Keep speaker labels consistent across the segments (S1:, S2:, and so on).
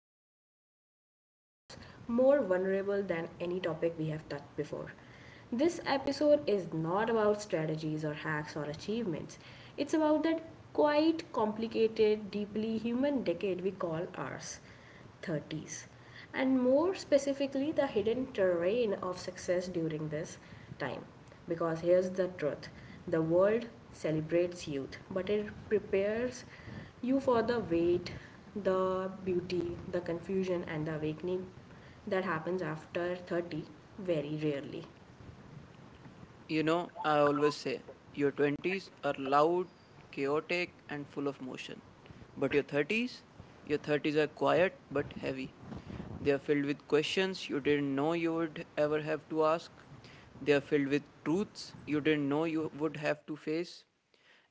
S1: more honest, and perhaps more vulnerable than any topic we have touched before. This episode is not about strategies or hacks or achievements. It's about that quite complicated, deeply human decade we call ours: 30s, and more specifically, the hidden terrain of success during this time. Because here's the truth: the world celebrates youth, but it prepares you for the weight, the beauty, the confusion, and the awakening that happens after 30 very rarely.
S2: You know, I always say your 20s are loud, chaotic, and full of motion. But your 30s, your 30s are quiet but heavy. They are filled with questions you didn't know you would ever have to ask. They are filled with truths you didn't know you would have to face.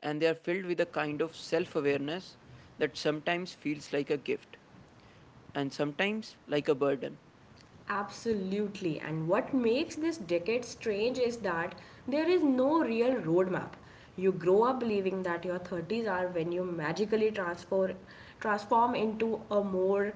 S2: And they are filled with a kind of self awareness that sometimes feels like a gift and sometimes like a burden.
S1: Absolutely. And what makes this decade strange is that there is no real roadmap. You grow up believing that your 30s are when you magically transform into a more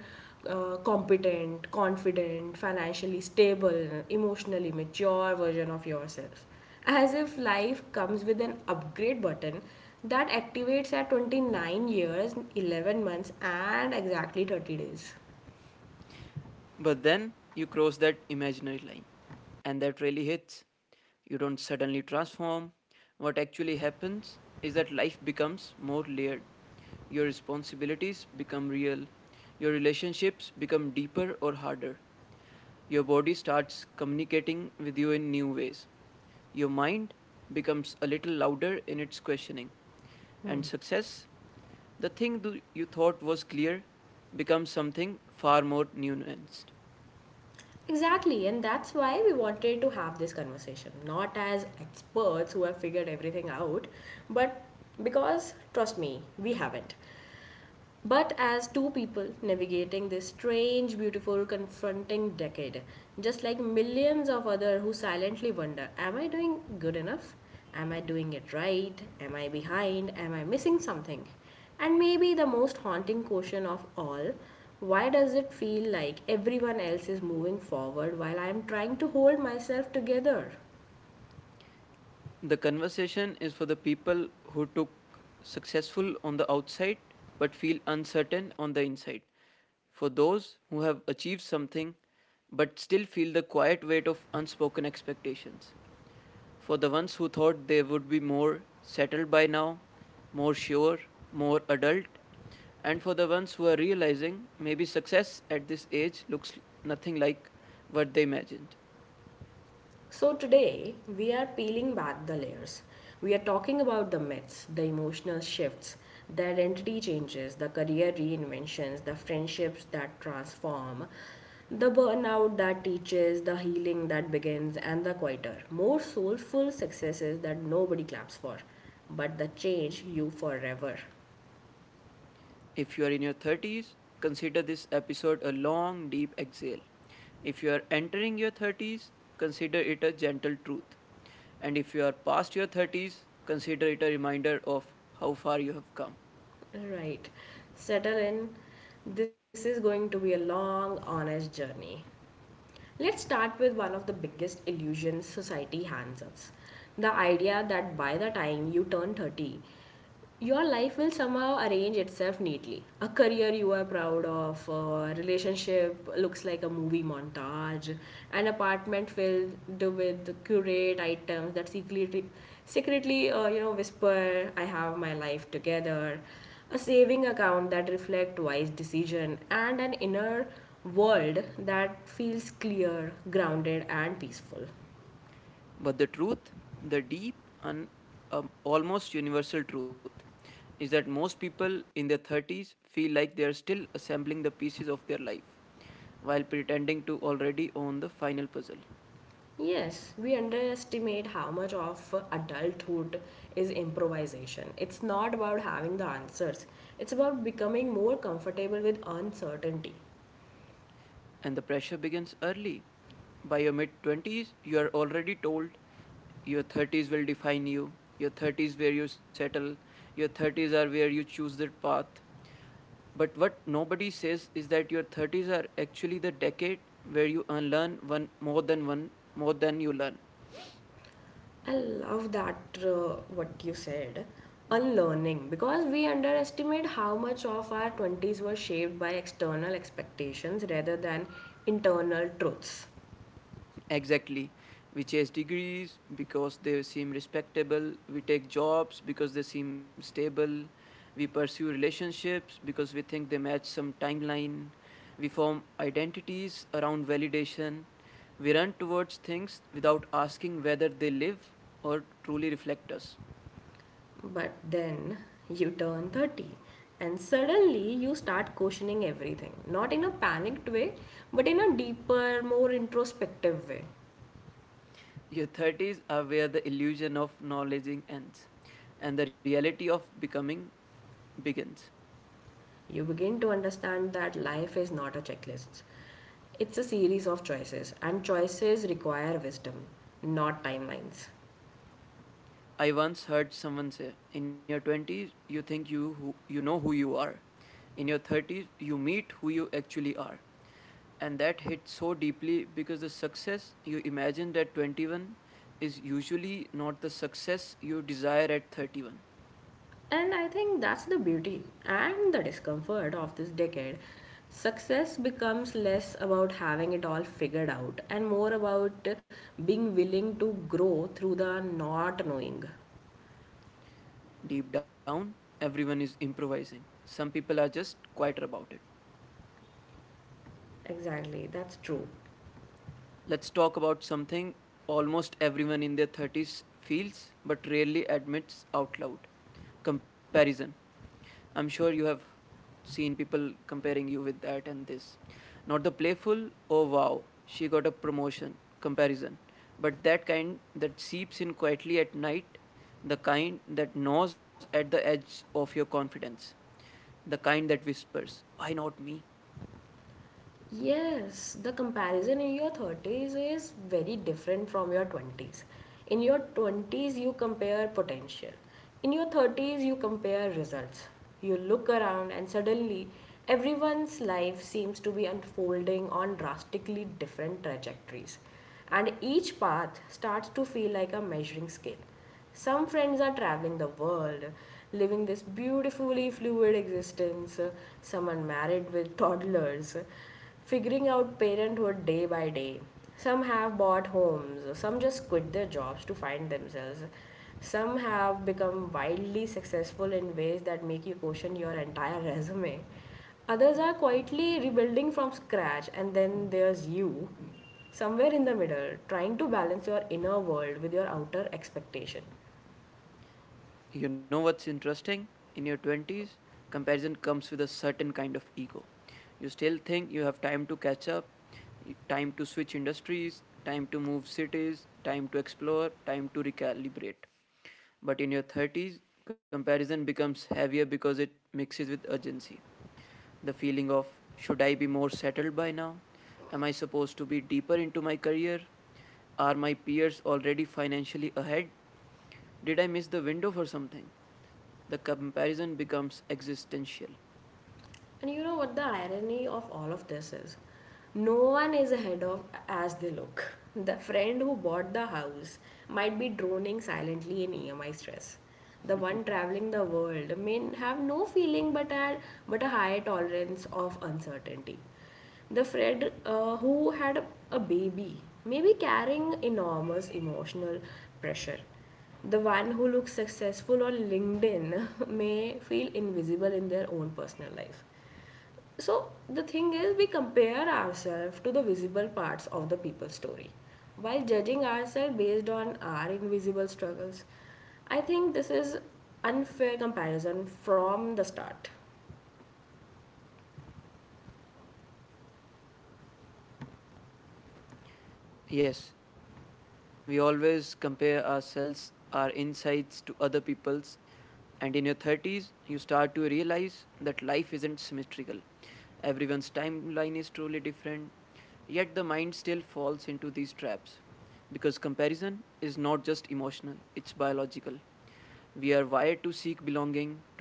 S1: competent, confident, financially stable, emotionally mature version of yourself. As if life comes with an upgrade button that activates at 29 years, 11 months, and exactly 30 days.
S2: But then you cross that imaginary line, and that really hits. You don't suddenly transform. What actually happens is that life becomes more layered. Your responsibilities become real. Your relationships become deeper or harder. Your body starts communicating with you in new ways. Your mind becomes a little louder in its questioning. And success, the thing you thought was clear, becomes something far more nuanced.
S1: Exactly, and that's why we wanted to have this conversation, not as experts who have figured everything out, but because, trust me, we haven't. But as two people navigating this strange, beautiful, confronting decade, just like millions of others who silently wonder, am I doing good enough? Am I doing it right? Am I behind? Am I missing something? And maybe the most haunting question of all, why does it feel like everyone else is moving forward while I am trying to hold myself together?
S2: The conversation is for the people who took successful on the outside but feel uncertain on the inside. For those who have achieved something but still feel the quiet weight of unspoken expectations. For the ones who thought they would be more settled by now, more sure, more adult, and for the ones who are realizing maybe success at this age looks nothing like what they imagined.
S1: So, today we are peeling back the layers. We are talking about the myths, the emotional shifts, the identity changes, the career reinventions, the friendships that transform, the burnout that teaches, the healing that begins, and the quieter, more soulful successes that nobody claps for, but that change you forever.
S2: If you are in your 30s, consider this episode a long, deep exhale. If you are entering your 30s, consider it a gentle truth. And if you are past your 30s, consider it a reminder of how far you have come.
S1: Right. Settle in. This is going to be a long, honest journey. Let's start with one of the biggest illusions society hands us: the idea that by the time you turn 30, your life will somehow arrange itself neatly. A career you are proud of, a relationship looks like a movie montage, an apartment filled with curate items that secretly whisper, I have my life together, a saving account that reflects wise decision, and an inner world that feels clear, grounded, and peaceful.
S2: But the truth, the deep and almost universal truth, is that most people in their 30s feel like they are still assembling the pieces of their life while pretending to already own the final puzzle.
S1: Yes, we underestimate how much of adulthood is improvisation. It's not about having the answers, it's about becoming more comfortable with uncertainty.
S2: And the pressure begins early. By your mid 20s, you are already told your 30s will define you, your 30s where you settle, your 30s are where you choose the path. But what nobody says is that your 30s are actually the decade where you unlearn one more than you learn.
S1: I love that what you said, unlearning, because we underestimate how much of our 20s were shaped by external expectations rather than internal truths.
S2: Exactly. We chase degrees because they seem respectable. We take jobs because they seem stable. We pursue relationships because we think they match some timeline. We form identities around validation. We run towards things without asking whether they live or truly reflect us.
S1: But then you turn 30 and suddenly you start questioning everything. Not in a panicked way, but in a deeper, more introspective way.
S2: Your 30s are where the illusion of knowledging ends and the reality of becoming begins.
S1: You begin to understand that life is not a checklist, it's a series of choices, and choices require wisdom, not timelines.
S2: I once heard someone say, in your 20s, you think you know who you are. In your 30s, you meet who you actually are. And that hit so deeply because the success you imagined at 21 is usually not the success you desire at 31.
S1: And I think that's the beauty and the discomfort of this decade. Success becomes less about having it all figured out and more about being willing to grow through the not knowing.
S2: Deep down, everyone is improvising. Some people are just quieter about it.
S1: Exactly, that's true.
S2: Let's talk about something almost everyone in their 30s feels but rarely admits out loud, comparison. I'm sure you have seen people comparing you with that and this. Not the playful, oh wow, she got a promotion comparison, but that kind that seeps in quietly at night, the kind that gnaws at the edge of your confidence, the kind that whispers, why not me?
S1: Yes, the comparison in your 30s is very different from your 20s. In your 20s, you compare potential. In your 30s, you compare results. You look around, and suddenly, everyone's life seems to be unfolding on drastically different trajectories. And each path starts to feel like a measuring scale. Some friends are traveling the world, living this beautifully fluid existence, some are married with toddlers, figuring out parenthood day by day. Some have bought homes, some just quit their jobs to find themselves. Some have become wildly successful in ways that make you question your entire resume. Others are quietly rebuilding from scratch, and then there's you, somewhere in the middle, trying to balance your inner world with your outer expectation.
S2: You know what's interesting? In your 20s, comparison comes with a certain kind of ego. You still think you have time to catch up, time to switch industries, time to move cities, time to explore, time to recalibrate. But in your 30s, comparison becomes heavier because it mixes with urgency. The feeling of, should I be more settled by now? Am I supposed to be deeper into my career? Are my peers already financially ahead? Did I miss the window for something? The comparison becomes existential.
S1: And you know what the irony of all of this is? No one is ahead of as they look. The friend who bought the house might be droning silently in EMI stress. The one traveling the world may have no feeling but a high tolerance of uncertainty. The Fred who a baby may be carrying enormous emotional pressure. The one who looks successful on LinkedIn may feel invisible in their own personal life. So the thing is, we compare ourselves to the visible parts of the people's story while judging ourselves based on our invisible struggles. I think this is unfair comparison from the start.
S2: Yes, we always compare ourselves, our insides, to other people's outsides. And in your 30s, you start to realize that life isn't symmetrical. Everyone's timeline is truly different, yet the mind still falls into these traps. Because comparison is not just emotional, it's biological.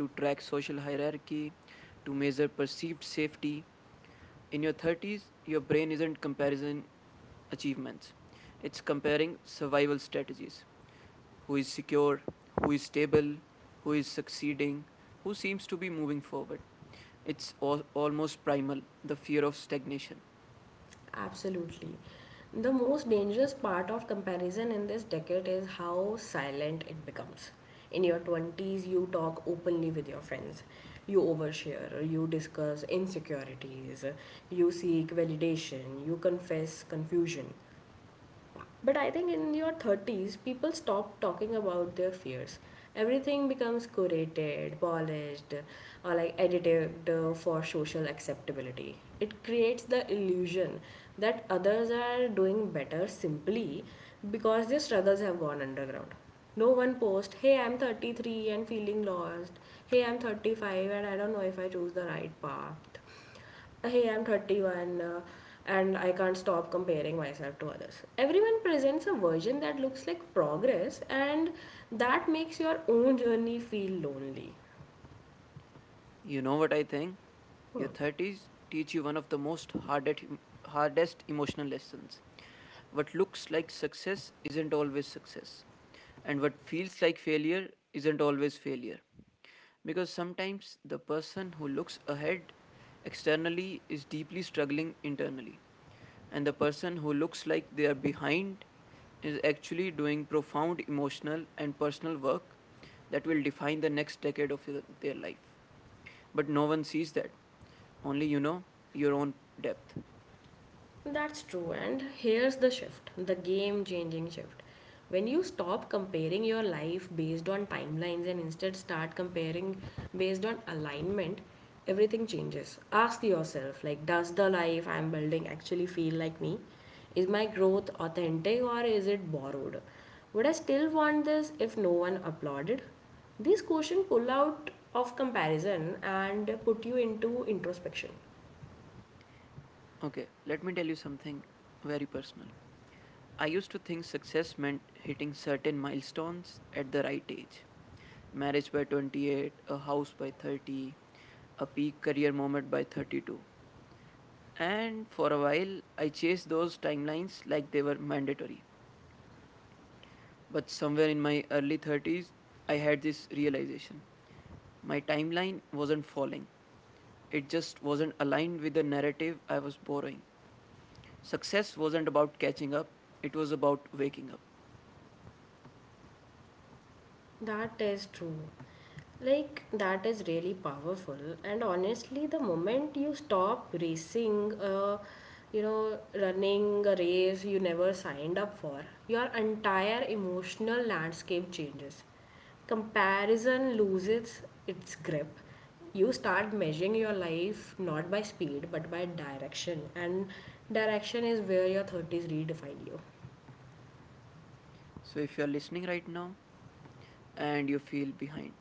S2: We are wired to seek belonging, to track social hierarchy, to measure perceived safety. In your 30s, your brain isn't comparison achievements, it's comparing survival strategies, who is secure, who is stable, who is succeeding, who seems to be moving forward. It's almost primal, the fear of stagnation.
S1: Absolutely. The most dangerous part of comparison in this decade is how silent it becomes. In your 20s, you talk openly with your friends. You overshare, you discuss insecurities, you seek validation, you confess confusion. But I think in your 30s, people stop talking about their fears. Everything becomes curated, polished, or like edited for social acceptability. It creates the illusion that others are doing better simply because their struggles have gone underground. No one posts, hey, I'm 33 and feeling lost. Hey, I'm 35 and I don't know if I choose the right path. Hey, I'm 31 and I can't stop comparing myself to others. Everyone presents a version that looks like progress, and that makes your own journey feel lonely.
S2: You know what I think?
S1: Hmm.
S2: Your 30s teach you one of the most hardest, hardest emotional lessons. What looks like success isn't always success, and what feels like failure isn't always failure. Because sometimes the person who looks ahead externally is deeply struggling internally, and the person who looks like they are behind is actually doing profound emotional and personal work that will define the next decade of their life. But no one sees that. Only you know your own depth.
S1: That's true. And here's the shift, the game changing shift. When you stop comparing your life based on timelines and instead start comparing based on alignment, everything changes. Ask yourself, like, does the life I'm building actually feel like me? Is my growth authentic or is it borrowed? Would I still want this if no one applauded? These questions pull out of comparison and put you into introspection.
S2: Okay, let me tell you something very personal. I used to think success meant hitting certain milestones at the right age: marriage by 28, a house by 30, a peak career moment by 32. And for a while, I chased those timelines like they were mandatory. But somewhere in my early 30s, I had this realization: my timeline wasn't falling. It just wasn't aligned with the narrative I was borrowing. Success wasn't about catching up, it was about waking up.
S1: That is true. Like, that is really powerful. And honestly, the moment you stop racing, running a race you never signed up for, your entire emotional landscape changes. Comparison loses its grip. You start measuring your life not by speed but by direction, and direction is where your 30s redefine you.
S2: So if you're listening right now and you feel behind,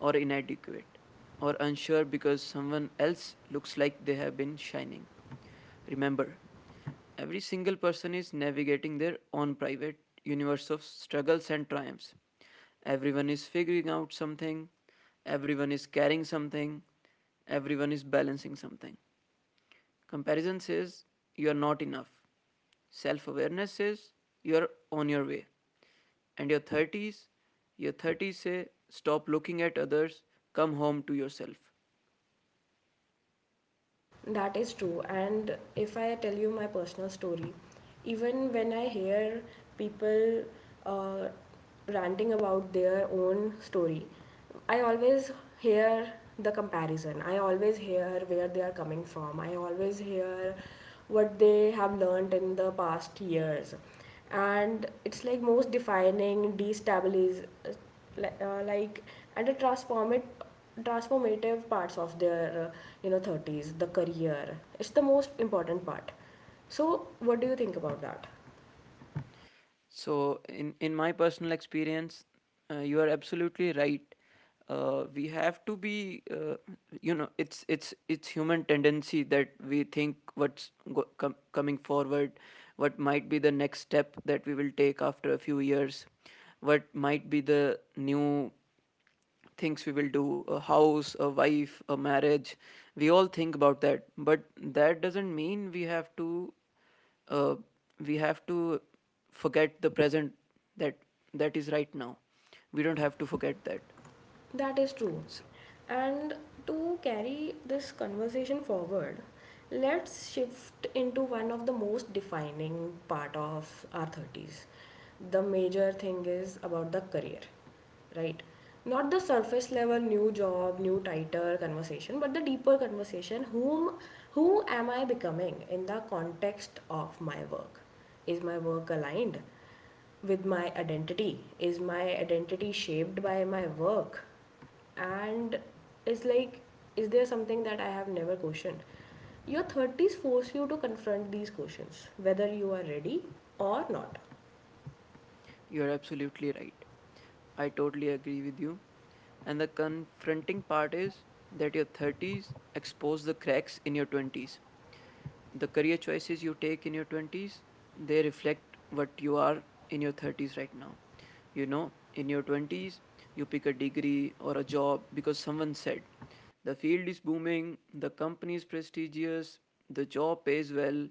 S2: or inadequate, or unsure because someone else looks like they have been shining, remember, every single person is navigating their own private universe of struggles and triumphs. Everyone is figuring out something, everyone is carrying something, everyone is balancing something. Comparison says you are not enough. Self awareness says you are on your way. And your 30s, your 30s say stop looking at others, come home to yourself.
S1: That is true. And if I tell you my personal story, even when I hear people uh, ranting about their own story, I always hear the comparison. I always hear where they are coming from. I always hear what they have learned in the past years. And it's like most defining, destabiliz- li- like and the transform transformative parts of their 30s, the career, it's the most important part. So what do you think about that?
S2: So, in my personal experience, you are absolutely right. We have to be, it's human tendency that we think what's coming forward, what might be the next step that we will take after a few years, what might be the new things we will do, a house, a wife, a marriage. We all think about that, but that doesn't mean we have to, uh, we have to forget the present, that that is right now. We don't have to forget that.
S1: That is true.
S2: S
S1: And to carry this conversation forward, let's shift into one of the most defining part of our 30s. The major thing is about the career, right? Not the surface level new job, new title conversation, but the deeper conversation: who am I becoming in the context of my work? Is my work aligned with my identity? Is my identity shaped by my work? And it's like, is there something that I have never questioned? Your 30s force you to confront these questions, whether you are ready or not.
S2: You're absolutely right, I totally agree with you. And the confronting part is that your 30s expose the cracks in your 20s. The career choices you take in your 20s, they reflect what you are in your 30s right now. You know, in your 20s, you pick a degree or a job because someone said the field is booming, the company is prestigious, the job pays well,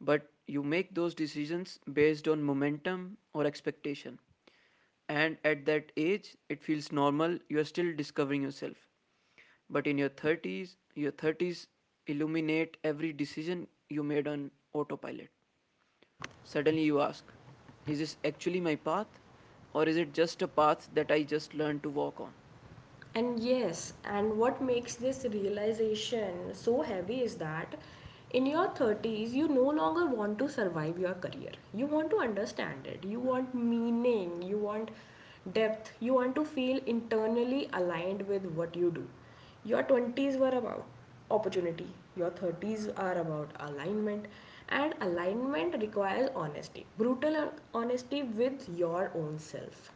S2: but you make those decisions based on momentum or expectation. And at that age, it feels normal, you are still discovering yourself. But in your 30s, your 30s illuminate every decision you made on autopilot. Suddenly you ask, is this actually my path? Or is it just a path that I just learned to walk on?
S1: And yes, and what makes this realization so heavy is that in your 30s, you no longer want to survive your career. You want to understand it. You want meaning. You want depth. You want to feel internally aligned with what you do. Your 20s were about opportunity, your 30s are about alignment, and alignment requires honesty, brutal honesty with your own self.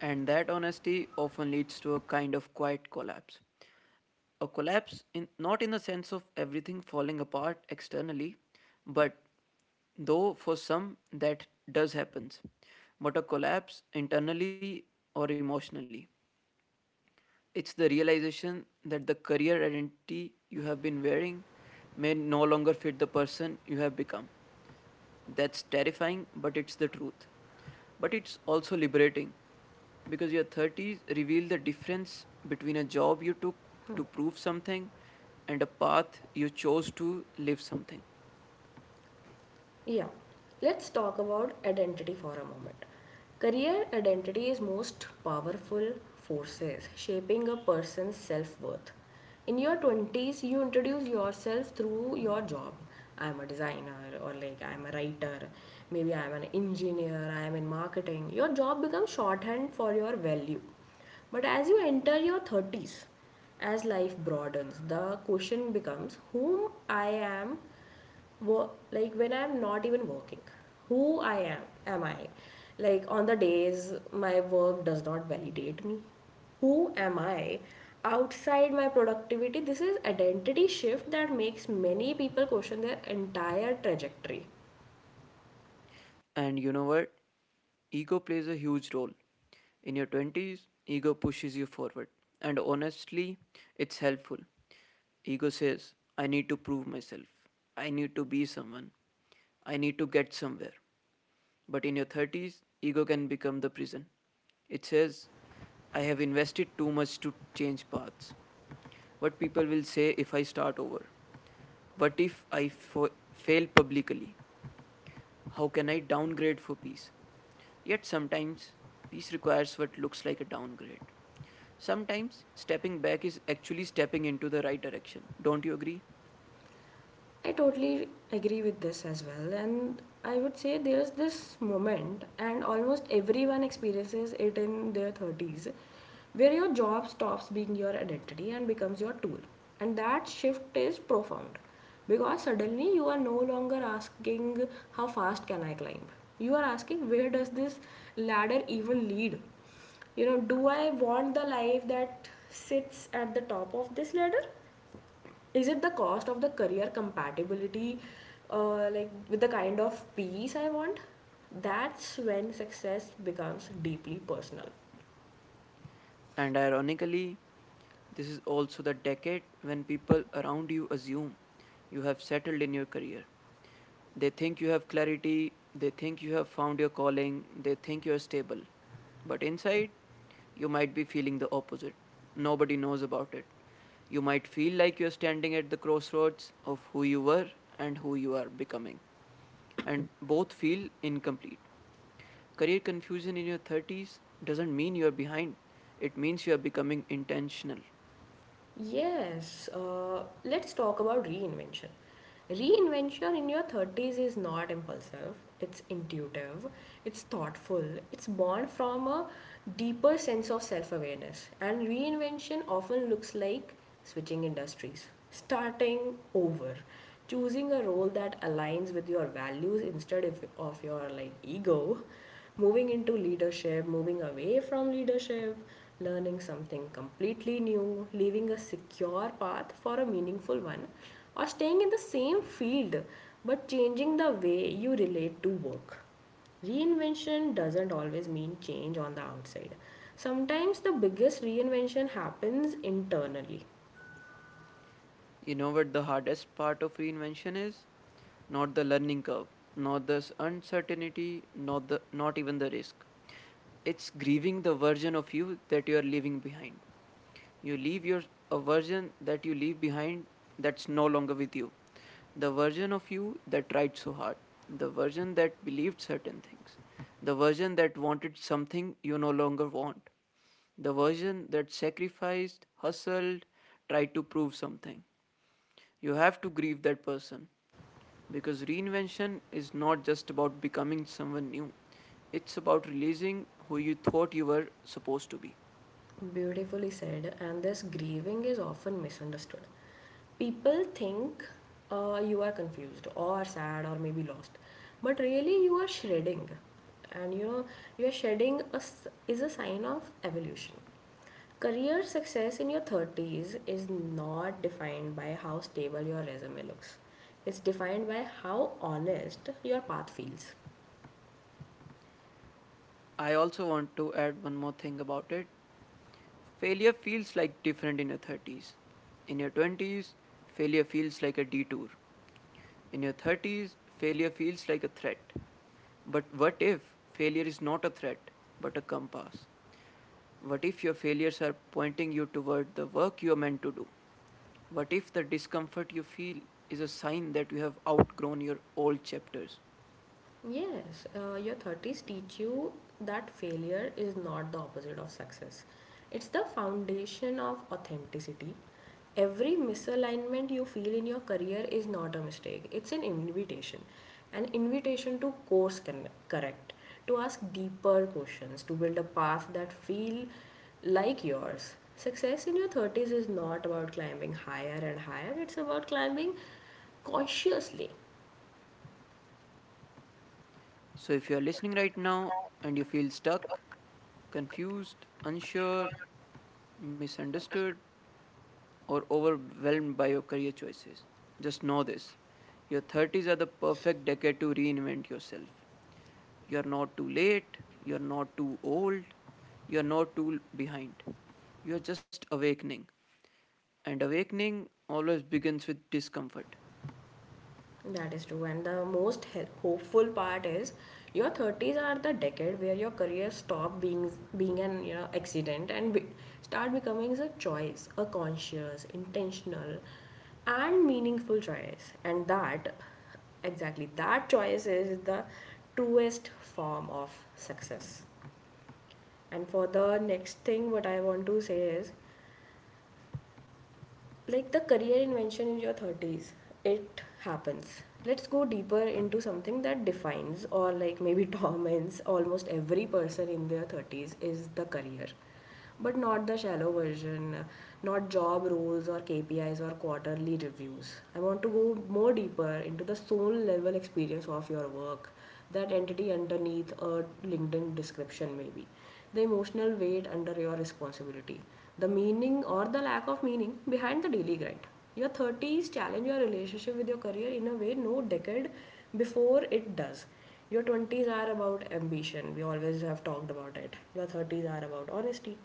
S2: And that honesty often leads to a kind of quiet collapse. A collapse, in, not in the sense of everything falling apart externally, but though for some that does happens, but a collapse internally or emotionally. It's the realization that the career identity you have been wearing may no longer fit the person you have become. That's terrifying, but it's the truth. But it's also liberating because your 30s reveal the difference between a job you took to prove something and a path you chose to live something.
S1: Yeah, let's talk about identity for a moment. Career identity is most powerful forces shaping a person's self-worth. In your 20s, you introduce yourself through your job. I'm a designer, or like I'm a writer, maybe I'm an engineer, I'm in marketing. Your job becomes shorthand for your value. But as you enter your 30s, as life broadens, the question becomes, whom I am wo- like, when I'm not even working, who I am? Am I, like, on the days my work does not validate me, who am I outside my productivity? This is identity shift that makes many people question their entire trajectory.
S2: And you know what? Ego plays a huge role. In your 20s, ego pushes you forward. And honestly, it's helpful. Ego says, I need to prove myself. I need to be someone. I need to get somewhere. But in your 30s, ego can become the prison. It says, I have invested too much to change paths. What people will say if I start over? What if I fail publicly? How can I downgrade for peace? Yet sometimes peace requires what looks like a downgrade. Sometimes stepping back is actually stepping into the right direction. Don't you agree?
S1: I totally agree with this as well. And I would say there's this moment, and almost everyone experiences it in their 30s, where your job stops being your identity and becomes your tool. And that shift is profound because suddenly you are no longer asking, how fast can I climb? You are asking, where does this ladder even lead? You know, do I want the life that sits at the top of this ladder? Is it the cost of the career compatibility like with the kind of peace I want? That's when success becomes deeply personal.
S2: And ironically, this is also the decade when people around you assume you have settled in your career. They think you have clarity, they think you have found your calling, they think you are stable. But inside, you might be feeling the opposite. Nobody knows about it. You might feel like you're standing at the crossroads of who you were and who you are becoming, and both feel incomplete. Career confusion in your 30s doesn't mean you're behind, it means you're becoming intentional.
S1: Yes, let's talk about reinvention. Reinvention in your 30s is not impulsive, it's intuitive, it's thoughtful, it's born from a deeper sense of self awareness. And reinvention often looks like switching industries, starting over, choosing a role that aligns with your values instead of your like ego, moving into leadership, moving away from leadership, learning something completely new, leaving a secure path for a meaningful one, or staying in the same field but changing the way you relate to work. Reinvention doesn't always mean change on the outside. Sometimes the biggest reinvention happens internally.
S2: You know what the hardest part of reinvention is? Not the learning curve, not the uncertainty, not even the risk. It's grieving the version of you that you are leaving behind. You leave your a version that you leave behind, that's no longer with you. The version of you that tried so hard, the version that believed certain things, the version that wanted something you no longer want, the version that sacrificed, hustled, tried to prove something. You have to grieve that person because reinvention is not just about becoming someone new, it's about releasing who you thought you were supposed to be.
S1: Beautifully said, and this grieving is often misunderstood. People think you are confused or sad or maybe lost, but really you are shredding, and you know your shedding is a sign of evolution. Career success in your 30s is not defined by how stable your resume looks. It's defined by how honest your path feels.
S2: I also want to add one more thing about it. Failure feels like different in your 30s. In your 20s, failure feels like a detour. In your 30s, failure feels like a threat. But what if failure is not a threat, but a compass? What if your failures are pointing you toward the work you are meant to do? What if the discomfort you feel is a sign that you have outgrown your old chapters?
S1: Yes, your 30s teach you that failure is not the opposite of success. It's the foundation of authenticity. Every misalignment you feel in your career is not a mistake, it's an invitation. An invitation to correct, to ask deeper questions, to build a path that feel like yours. Success in your 30s is not about climbing higher and higher, it's about climbing consciously.
S2: So, if you are listening right now and you feel stuck, confused, unsure, misunderstood, or overwhelmed by your career choices, just know this, your 30s are the perfect decade to reinvent yourself. You're not too late, you're not too old, you're not too behind. You're just awakening. And awakening always begins with discomfort.
S1: That is true. And the most hopeful part is your 30s are the decade where your career stop being an you know accident and start becoming a choice, a conscious, intentional and meaningful choice. And that exactly that choice is the truest form of success. And for the next thing what I want to say is like the career invention in your 30s it happens. Let's go deeper into something that defines or like maybe torments almost every person in their 30s is the career, but not the shallow version, not job roles or kpis or quarterly reviews. I want to go more deeper into the soul level experience of your work, that entity underneath a LinkedIn description maybe, the emotional weight under your responsibility, the meaning or the lack of meaning behind the daily grind. Your 30s challenge your relationship with your career in a way no decade before it does. Your 20s are about ambition, we always have talked about it. Your 30s are about honesty.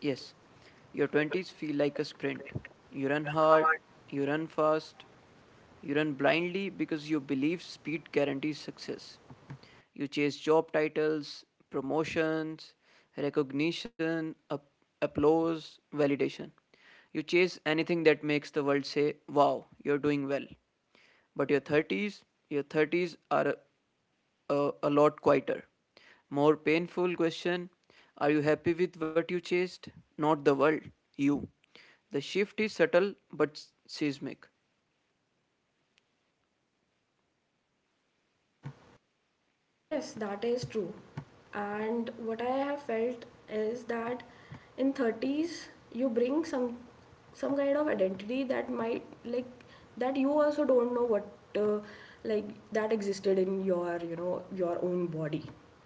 S2: Yes, your 20s feel like a sprint. You run hard, you run fast, you run blindly because you believe speed guarantees success. You chase job titles, promotions, recognition, applause, validation. You chase anything that makes the world say, wow, you're doing well. But your 30s, your 30s are a lot quieter. More painful question: are you happy with what you chased? Not the world, you. The shift is subtle but seismic.
S1: Yes, that is true. And what I have felt is that in 30s you bring some kind of identity that might like that you also don't know what uh, like that existed in your you know your own body.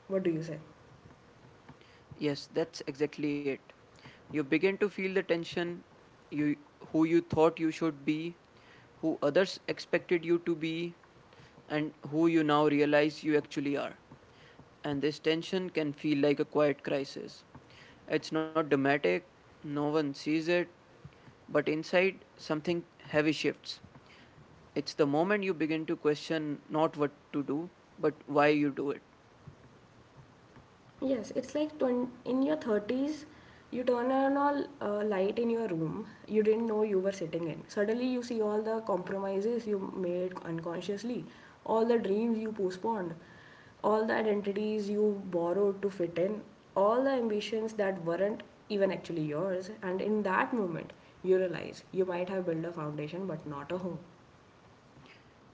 S1: What do you say?
S2: Yes, that's exactly it. You begin to feel the tension, you, who you thought you should be, who others expected you to be, and who you now realize you actually are. And this tension can feel like a quiet crisis. It's not dramatic, no one sees it, but inside something heavy shifts. It's the moment you begin to question not what to do, but why you do it.
S1: Yes, it's like twen in your 30s, you turn on all light in your room you didn't know you were sitting in. Suddenly, you see all the compromises you made unconsciously, all the dreams you postponed, all the identities you borrowed to fit in, all the ambitions that weren't even actually yours. And in that moment, you realize you might have built a foundation but not a home.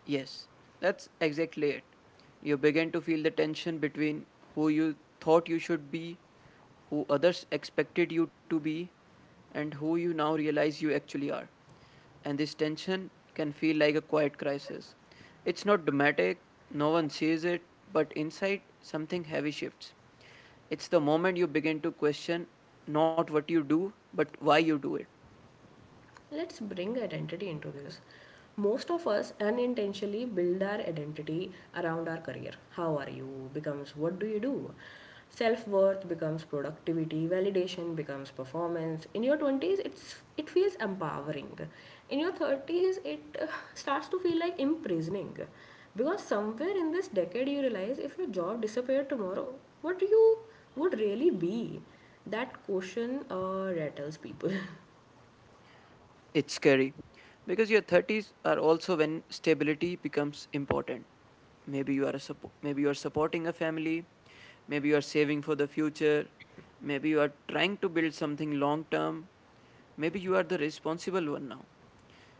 S2: Yes, that's exactly it. You begin to feel the tension between who you thought you should be, who others expected you to be, and who you now realize you actually are. And this tension can feel like a quiet crisis. It's not dramatic, no one sees it, but inside, something heavy shifts. It's the moment you begin to question not what you do, but why you do it.
S1: Let's bring identity into this. Most of us unintentionally build our identity around our career. How are you becomes what do you do. Self worth becomes productivity, validation becomes performance. In your 20s, it feels empowering. In your 30s, it starts to feel like imprisoning. Because somewhere in this decade, you realize if your job disappeared tomorrow, what you would really be. That question rattles people.
S2: It's scary because your 30s are also when stability becomes important. Maybe you are supporting a family, maybe you are saving for the future, maybe you are trying to build something long term, maybe you are the responsible one now.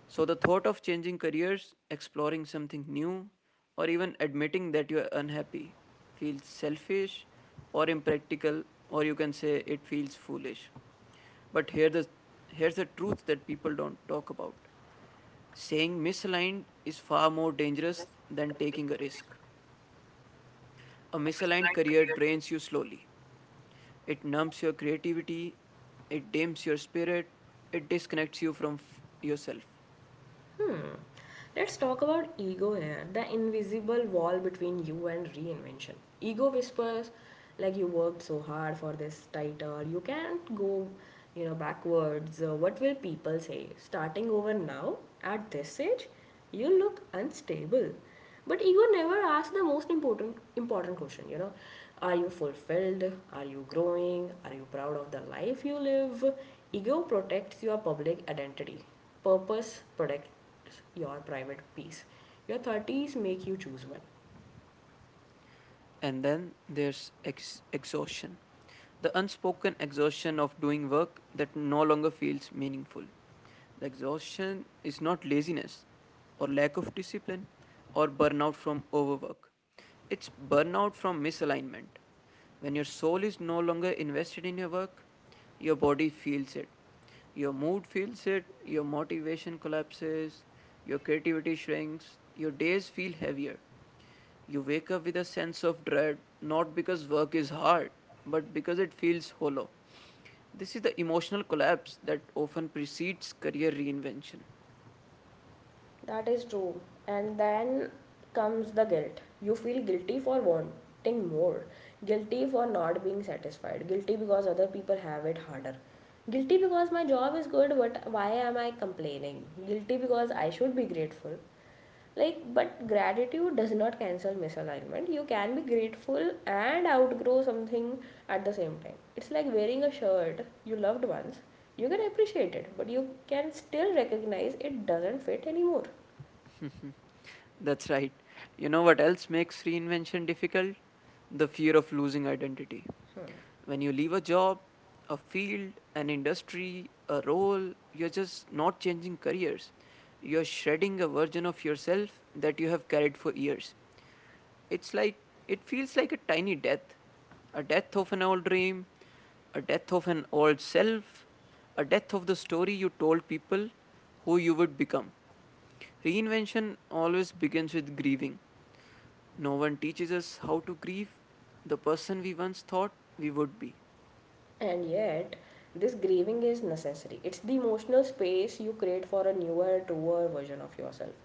S2: So the thought of changing careers, exploring something new, or even admitting that you are unhappy feels selfish or impractical, or you can say it feels foolish. But here the, Here's the truth that people don't talk about. Saying misaligned is far more dangerous than taking a risk. A misaligned career drains you slowly. It numbs your creativity, it dims your spirit, it disconnects you from yourself.
S1: Hmm. Let's talk about ego here, the invisible wall between you and reinvention. Ego whispers, like you worked so hard for this title, you can't go, you know, backwards. What will people say? Starting over now, at this age, you look unstable, but ego never asks the most important question, you know. Are you fulfilled? Are you growing? Are you proud of the life you live? Ego protects your public identity, purpose protects your private peace. Your 30s make you choose well.
S2: And then there's exhaustion, the unspoken exhaustion of doing work that no longer feels meaningful. The exhaustion is not laziness or lack of discipline or burnout from overwork. It's burnout from misalignment. When your soul is no longer invested in your work, your body feels it. Your mood feels it, your motivation collapses, your creativity shrinks, your days feel heavier. You wake up with a sense of dread, not because work is hard, but because it feels hollow. This is the emotional collapse that often precedes career reinvention.
S1: That is true. And then comes the guilt. You feel guilty for wanting more, guilty for not being satisfied, guilty because other people have it harder, guilty because my job is good, but why am I complaining? Guilty because I should be grateful. Like, but gratitude does not cancel misalignment. You can be grateful and outgrow something at the same time. It's like wearing a shirt you loved once. You can appreciate it but you can still recognize it doesn't fit anymore.
S2: That's right. You know what else makes reinvention difficult? The fear of losing identity. When you leave a job, a field, an industry, a role, you're just not changing careers. You're shredding a version of yourself that you have carried for years. It's like it feels like a tiny death, a death of an old dream, a death of an old self, a death of the story you told people who you would become. Reinvention always begins with grieving. No one teaches us how to grieve the person we once thought we would be.
S1: And yet this grieving is necessary. It's the emotional space you create for a newer truer version of yourself.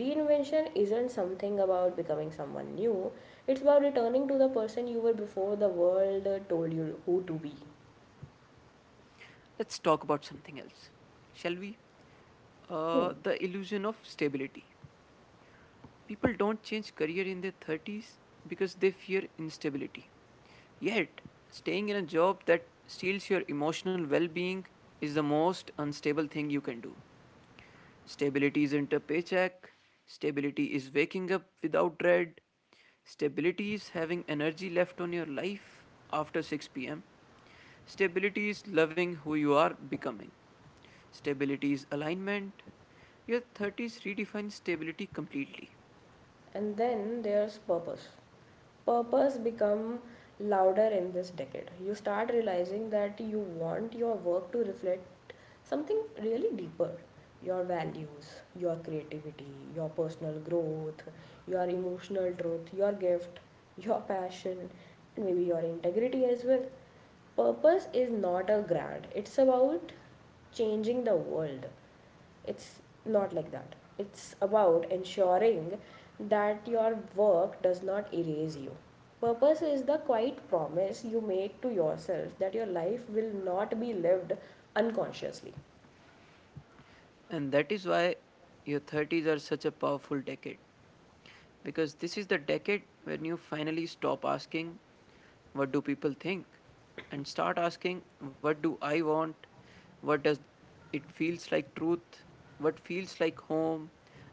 S1: Reinvention isn't something about becoming someone new, it's about returning to the person you were before the world told you who to be.
S2: Let's talk about something else, shall we? Uh,
S1: Hmm.
S2: the illusion of stability. People don't change career in their 30s because they fear instability. Yet, staying in a job that steals your emotional well being is the most unstable thing you can do. Stability isn't a paycheck, stability is waking up without dread, stability is having energy left on your life after 6 p.m., stability is loving who you are becoming. Stability is alignment. Your 30s redefine stability completely.
S1: And then there's purpose. Purpose become louder in this decade. You start realizing that you want your work to reflect something really deeper. Your values, your creativity, your personal growth, your emotional truth, your gift, your passion, and maybe your integrity as well. Purpose is not a grant. It's about changing the world. It's not like that. It's about ensuring that your work does not erase you. Purpose is the quiet promise you make to yourself that your life will not be lived unconsciously.
S2: And that is why your 30s are such a powerful decade. Because this is the decade when you finally stop asking, what do people think? And start asking, what do I want? What does it feels like truth? What feels like home?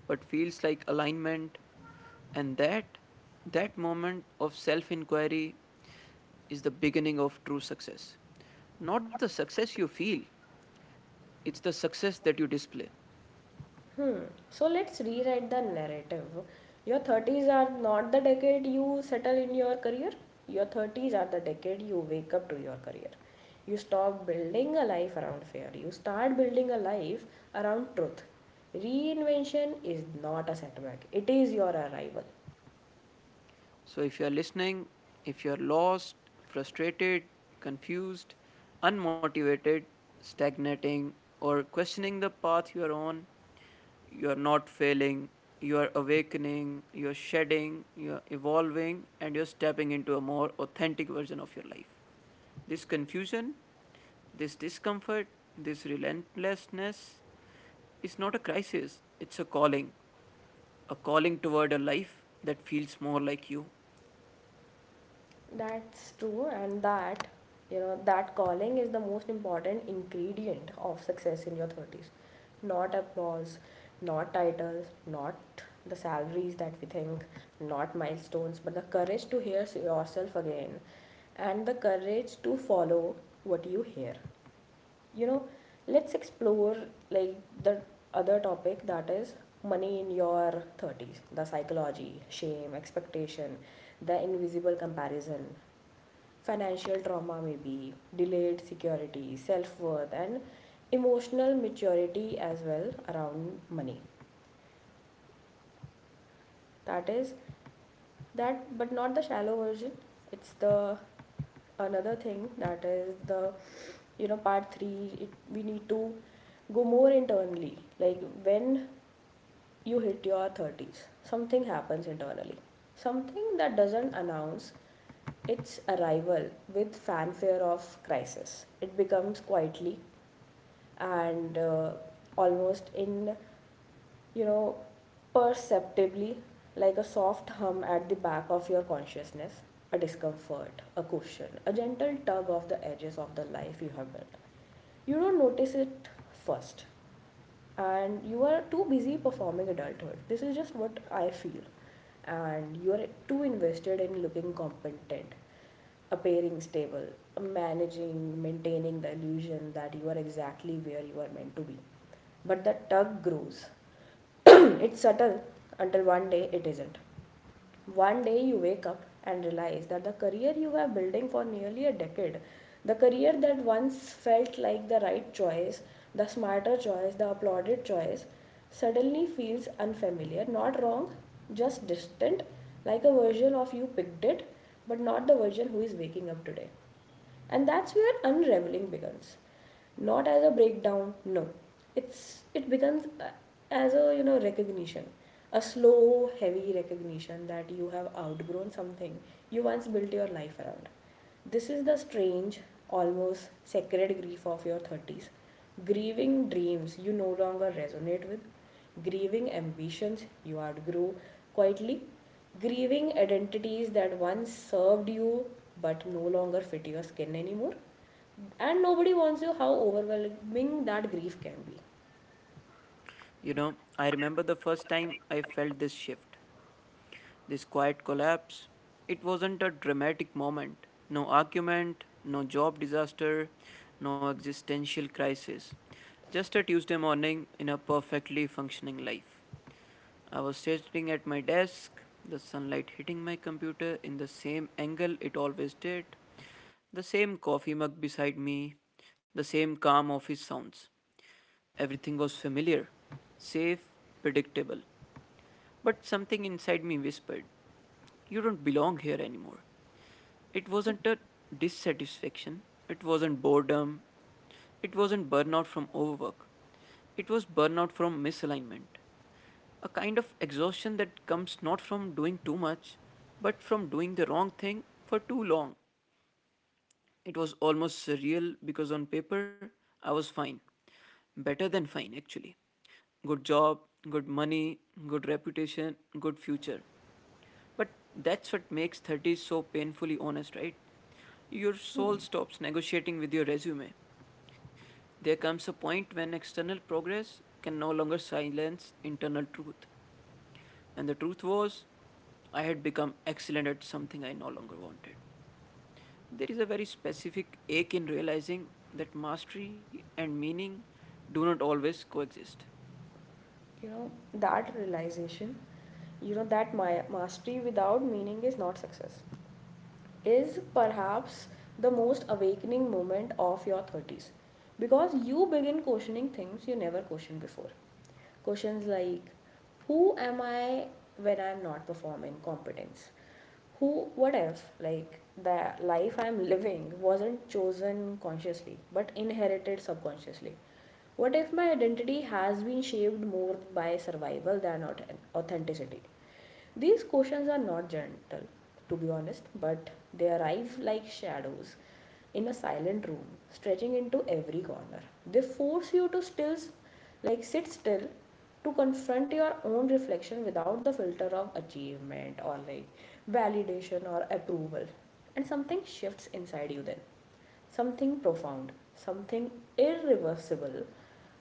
S2: What feels like alignment? And that, that moment of self inquiry is the beginning of true success. Not the success you feel, it's the success that you display.
S1: Hmm. So let's rewrite the narrative. Your 30s are not the decade you settle in your career. Your 30s are the decade you wake up to your career. You stop building a life around fear. You start building a life around truth. Reinvention is not a setback, it is your arrival.
S2: So, if you are listening, if you are lost, frustrated, confused, unmotivated, stagnating, or questioning the path you are on, you are not failing, you are awakening, you are shedding, you are evolving, and you're stepping into a more authentic version of your life. This confusion, this discomfort, this relentlessness is not a crisis, it's a calling toward a life that feels more like you.
S1: That's true, and that, you know, that calling is the most important ingredient of success in your 30s. Not applause, not titles, not the salaries that we think, not milestones, but the courage to hear yourself again and the courage to follow what you hear. You know, let's explore like the other topic that is money in your 30s, the psychology, shame, expectation, the invisible comparison, financial trauma, may be delayed security, self-worth and emotional maturity as well around money. That is that, but not the shallow version. It's the another thing that is the you know part 3. It, we need to go more internally. Like when you hit your 30s, something happens internally. Something that doesn't announce its arrival with fanfare of crisis. It becomes quietly and almost in, you know, perceptibly, like a soft hum at the back of your consciousness, a discomfort, a cushion, a gentle tug of the edges of the life you have built. You don't notice it first and you are too busy performing adulthood. This is just what I feel. And you are too invested in looking competent, appearing stable, managing, maintaining the illusion that you are exactly where you are meant to be. But the tug grows. It's subtle until one day it isn't. One day you wake up and realize that the career you were building for nearly a decade, the career that once felt like the right choice, the smarter choice, the applauded choice, suddenly feels unfamiliar, not wrong, just distant, like a version of you picked it, but not the version who is waking up today. And that's where unraveling begins. Not as a breakdown, no. It's it becomes as a you know recognition, a slow, heavy recognition that you have outgrown something you once built your life around. This is the strange, almost sacred grief of your 30s. Grieving dreams you no longer resonate with, grieving ambitions you outgrew quietly, grieving identities that once served you but no longer fit your skin anymore. And nobody warns you how overwhelming that grief can be.
S2: You know, I remember the first time I felt this shift, this quiet collapse. It wasn't a dramatic moment, no argument, no job disaster, no existential crisis. Just a Tuesday morning in a perfectly functioning life. I was sitting at my desk, the sunlight hitting my computer in the same angle it always did, the same coffee mug beside me, the same calm office sounds. Everything was familiar, safe, predictable. But something inside me whispered, you don't belong here anymore. It wasn't a dissatisfaction, it wasn't boredom, it wasn't burnout from overwork, it was burnout from misalignment. A kind of exhaustion that comes not from doing too much, but from doing the wrong thing for too long. It was almost surreal because on paper, I was fine. Better than fine, actually. Good job, good money, good reputation, good future. But that's what makes 30s so painfully honest, right? Your soul stops negotiating with your resume. There comes a point when external progress can no longer silence internal truth. And the truth was, I had become excellent at something I no longer wanted. There is a very specific ache in realizing that mastery and meaning do not always coexist.
S1: You know, that realization, you know, that my mastery without meaning is not success is perhaps the most awakening moment of your 30s, because you begin questioning things you never questioned before. Questions like who am I when I'm not performing competence? Who, what if, like, the life I'm living wasn't chosen consciously but inherited subconsciously? What if my identity has been shaped more by survival than authenticity? These questions are not gentle, to be honest, but they arrive like shadows in a silent room, stretching into every corner. They force you to still, like sit still, to confront your own reflection without the filter of achievement or like validation or approval. And something shifts inside you then, something profound, something irreversible.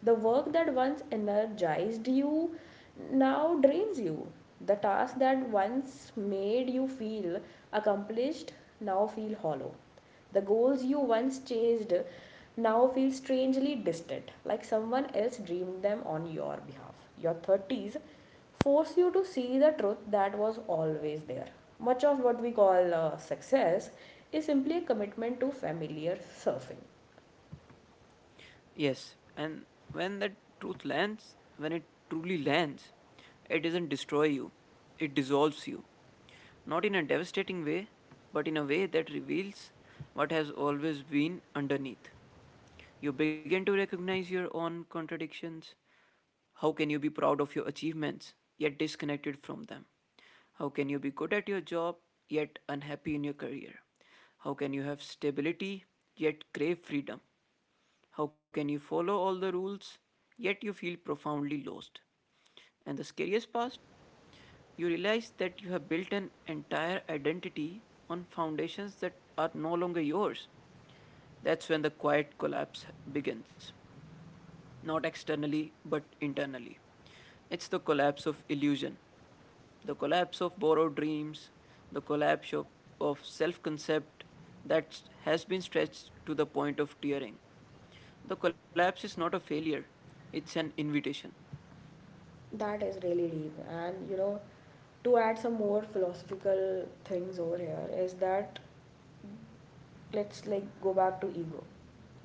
S1: The work that once energized you now drains you. The task that once made you feel accomplished now feel hollow. The goals you once chased now feel strangely distant, like someone else dreamed them on your behalf. Your 30s force you to see the truth that was always there. Much of what we call success is simply a commitment to familiar surfing.
S2: Yes, and when that truth lands, when it truly lands, it doesn't destroy you, it dissolves you. Not in a devastating way, but in a way that reveals what has always been underneath. You begin to recognize your own contradictions. How can you be proud of your achievements, yet disconnected from them? How can you be good at your job, yet unhappy in your career? How can you have stability, yet crave freedom? How can you follow all the rules yet you feel profoundly lost? And the scariest part, you realize that you have built an entire identity on foundations that are no longer yours. That's when the quiet collapse begins, not externally but internally. It's the collapse of illusion, the collapse of borrowed dreams, the collapse of self concept that has been stretched to the point of tearing. The collapse is not a failure, it's an invitation.
S1: That is really deep. And you know, to add some more philosophical things over here, is that let's like go back to ego,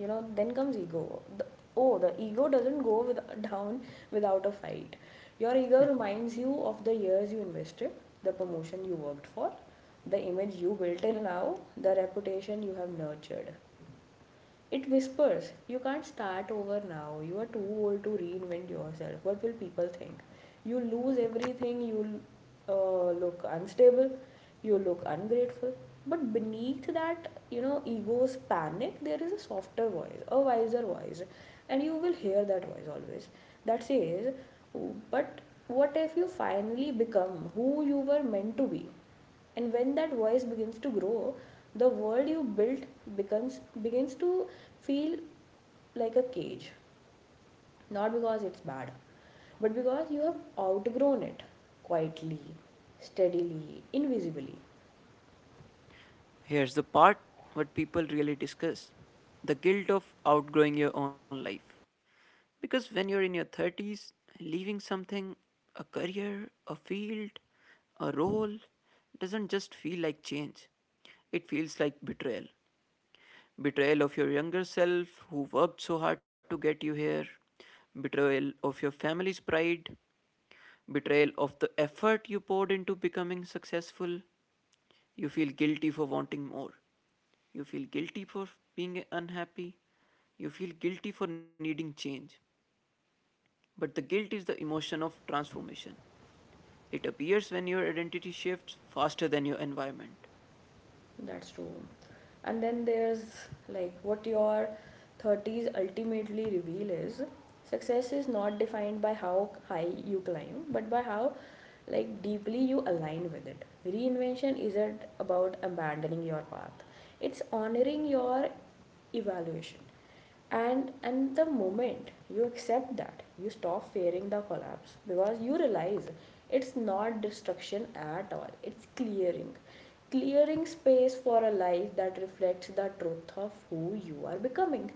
S1: you know. Then comes ego. Oh, the ego doesn't go down without a fight. Your ego reminds you of the years you invested, the promotion you worked for, the image you built till now, the reputation you have nurtured. It whispers, you can't start over now. You are too old to reinvent yourself. What will people think? You lose everything. You look unstable. You look ungrateful. But beneath that, you know, ego's panic, there is a softer voice, a wiser voice. And you will hear that voice always, that says, but what if you finally become who you were meant to be? And when that voice begins to grow, the world you built becomes begins to feel like a cage, not because it's bad, but because you have outgrown it quietly, steadily, invisibly.
S2: Here's the part what people really discuss, the guilt of outgrowing your own life. Because when you're in your 30s, leaving something, a career, a field, a role, doesn't just feel like change, it feels like betrayal. Betrayal of your younger self who worked so hard to get you here, betrayal of your family's pride, betrayal of the effort you poured into becoming successful. You feel guilty for wanting more. You feel guilty for being unhappy. You feel guilty for needing change. But the guilt is the emotion of transformation. It appears when your identity shifts faster than your environment.
S1: That's true. And then there's like what your 30s ultimately reveal is success is not defined by how high you climb, but by how like deeply you align with it. Reinvention isn't about abandoning your path. It's honoring your evaluation. And the moment you accept that, you stop fearing the collapse, because you realize it's not destruction at all, it's clearing, clearing space for a life that reflects the truth of who you are becoming.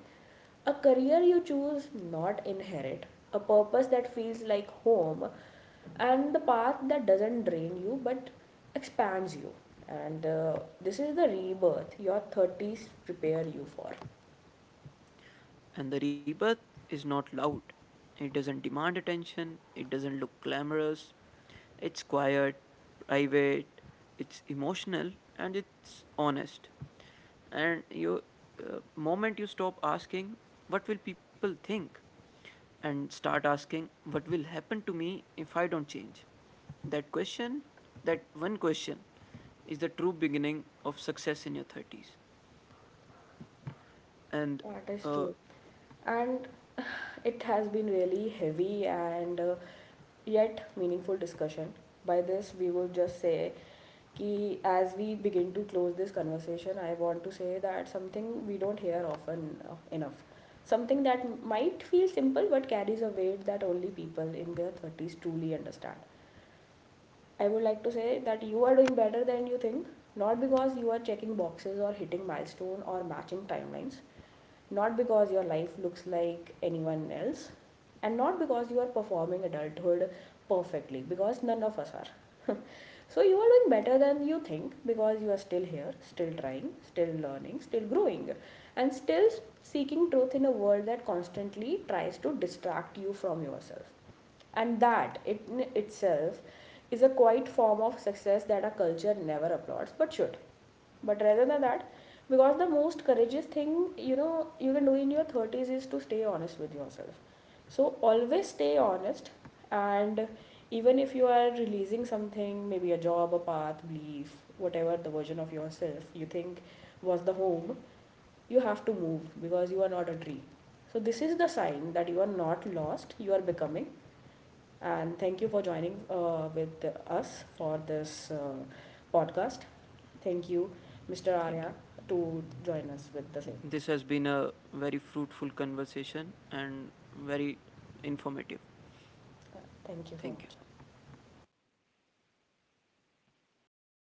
S1: A career you choose, not inherit, a purpose that feels like home, and the path that doesn't drain you but expands you. And this is the rebirth your 30s prepare you for.
S2: And the rebirth is not loud. It doesn't demand attention, it doesn't look glamorous. It's quiet, private, it's emotional, and it's honest. And you, moment you stop asking, what will people think? And start asking, what will happen to me if I don't change? That question, that one question, is the true beginning of success in your 30s. And
S1: That is
S2: uh,
S1: true. And it has been really heavy and yet meaningful discussion. By this, we would just say कि as we begin to close this conversation, I want to say that something we don't hear often enough. Something that might feel simple but carries a weight that only people in their 30s truly understand. I would like to say that you are doing better than you think, not because you are checking boxes or hitting milestone or matching timelines, not because your life looks like anyone else, and not because you are performing adulthood perfectly, because none of us are. So you are doing better than you think, because you are still here, still trying, still learning, still growing, and still seeking truth in a world that constantly tries to distract you from yourself. And that it in itself is a quiet form of success that our culture never applauds but should. But rather than that, because the most courageous thing, you know, you can do in your 30s is to stay honest with yourself. So always stay honest. And even if you are releasing something, maybe a job, a path, belief, whatever the version of yourself you think was the home, you have to move because you are not a tree. So this is the sign that you are not lost, you are becoming. And thank you for joining with us for this podcast. Thank you, Mr.
S2: thank
S1: Arya,
S2: you.
S1: to join us with the same.
S2: This has been a very fruitful conversation and very informative.
S1: Uh, Thank you so
S2: Thank you.
S1: much.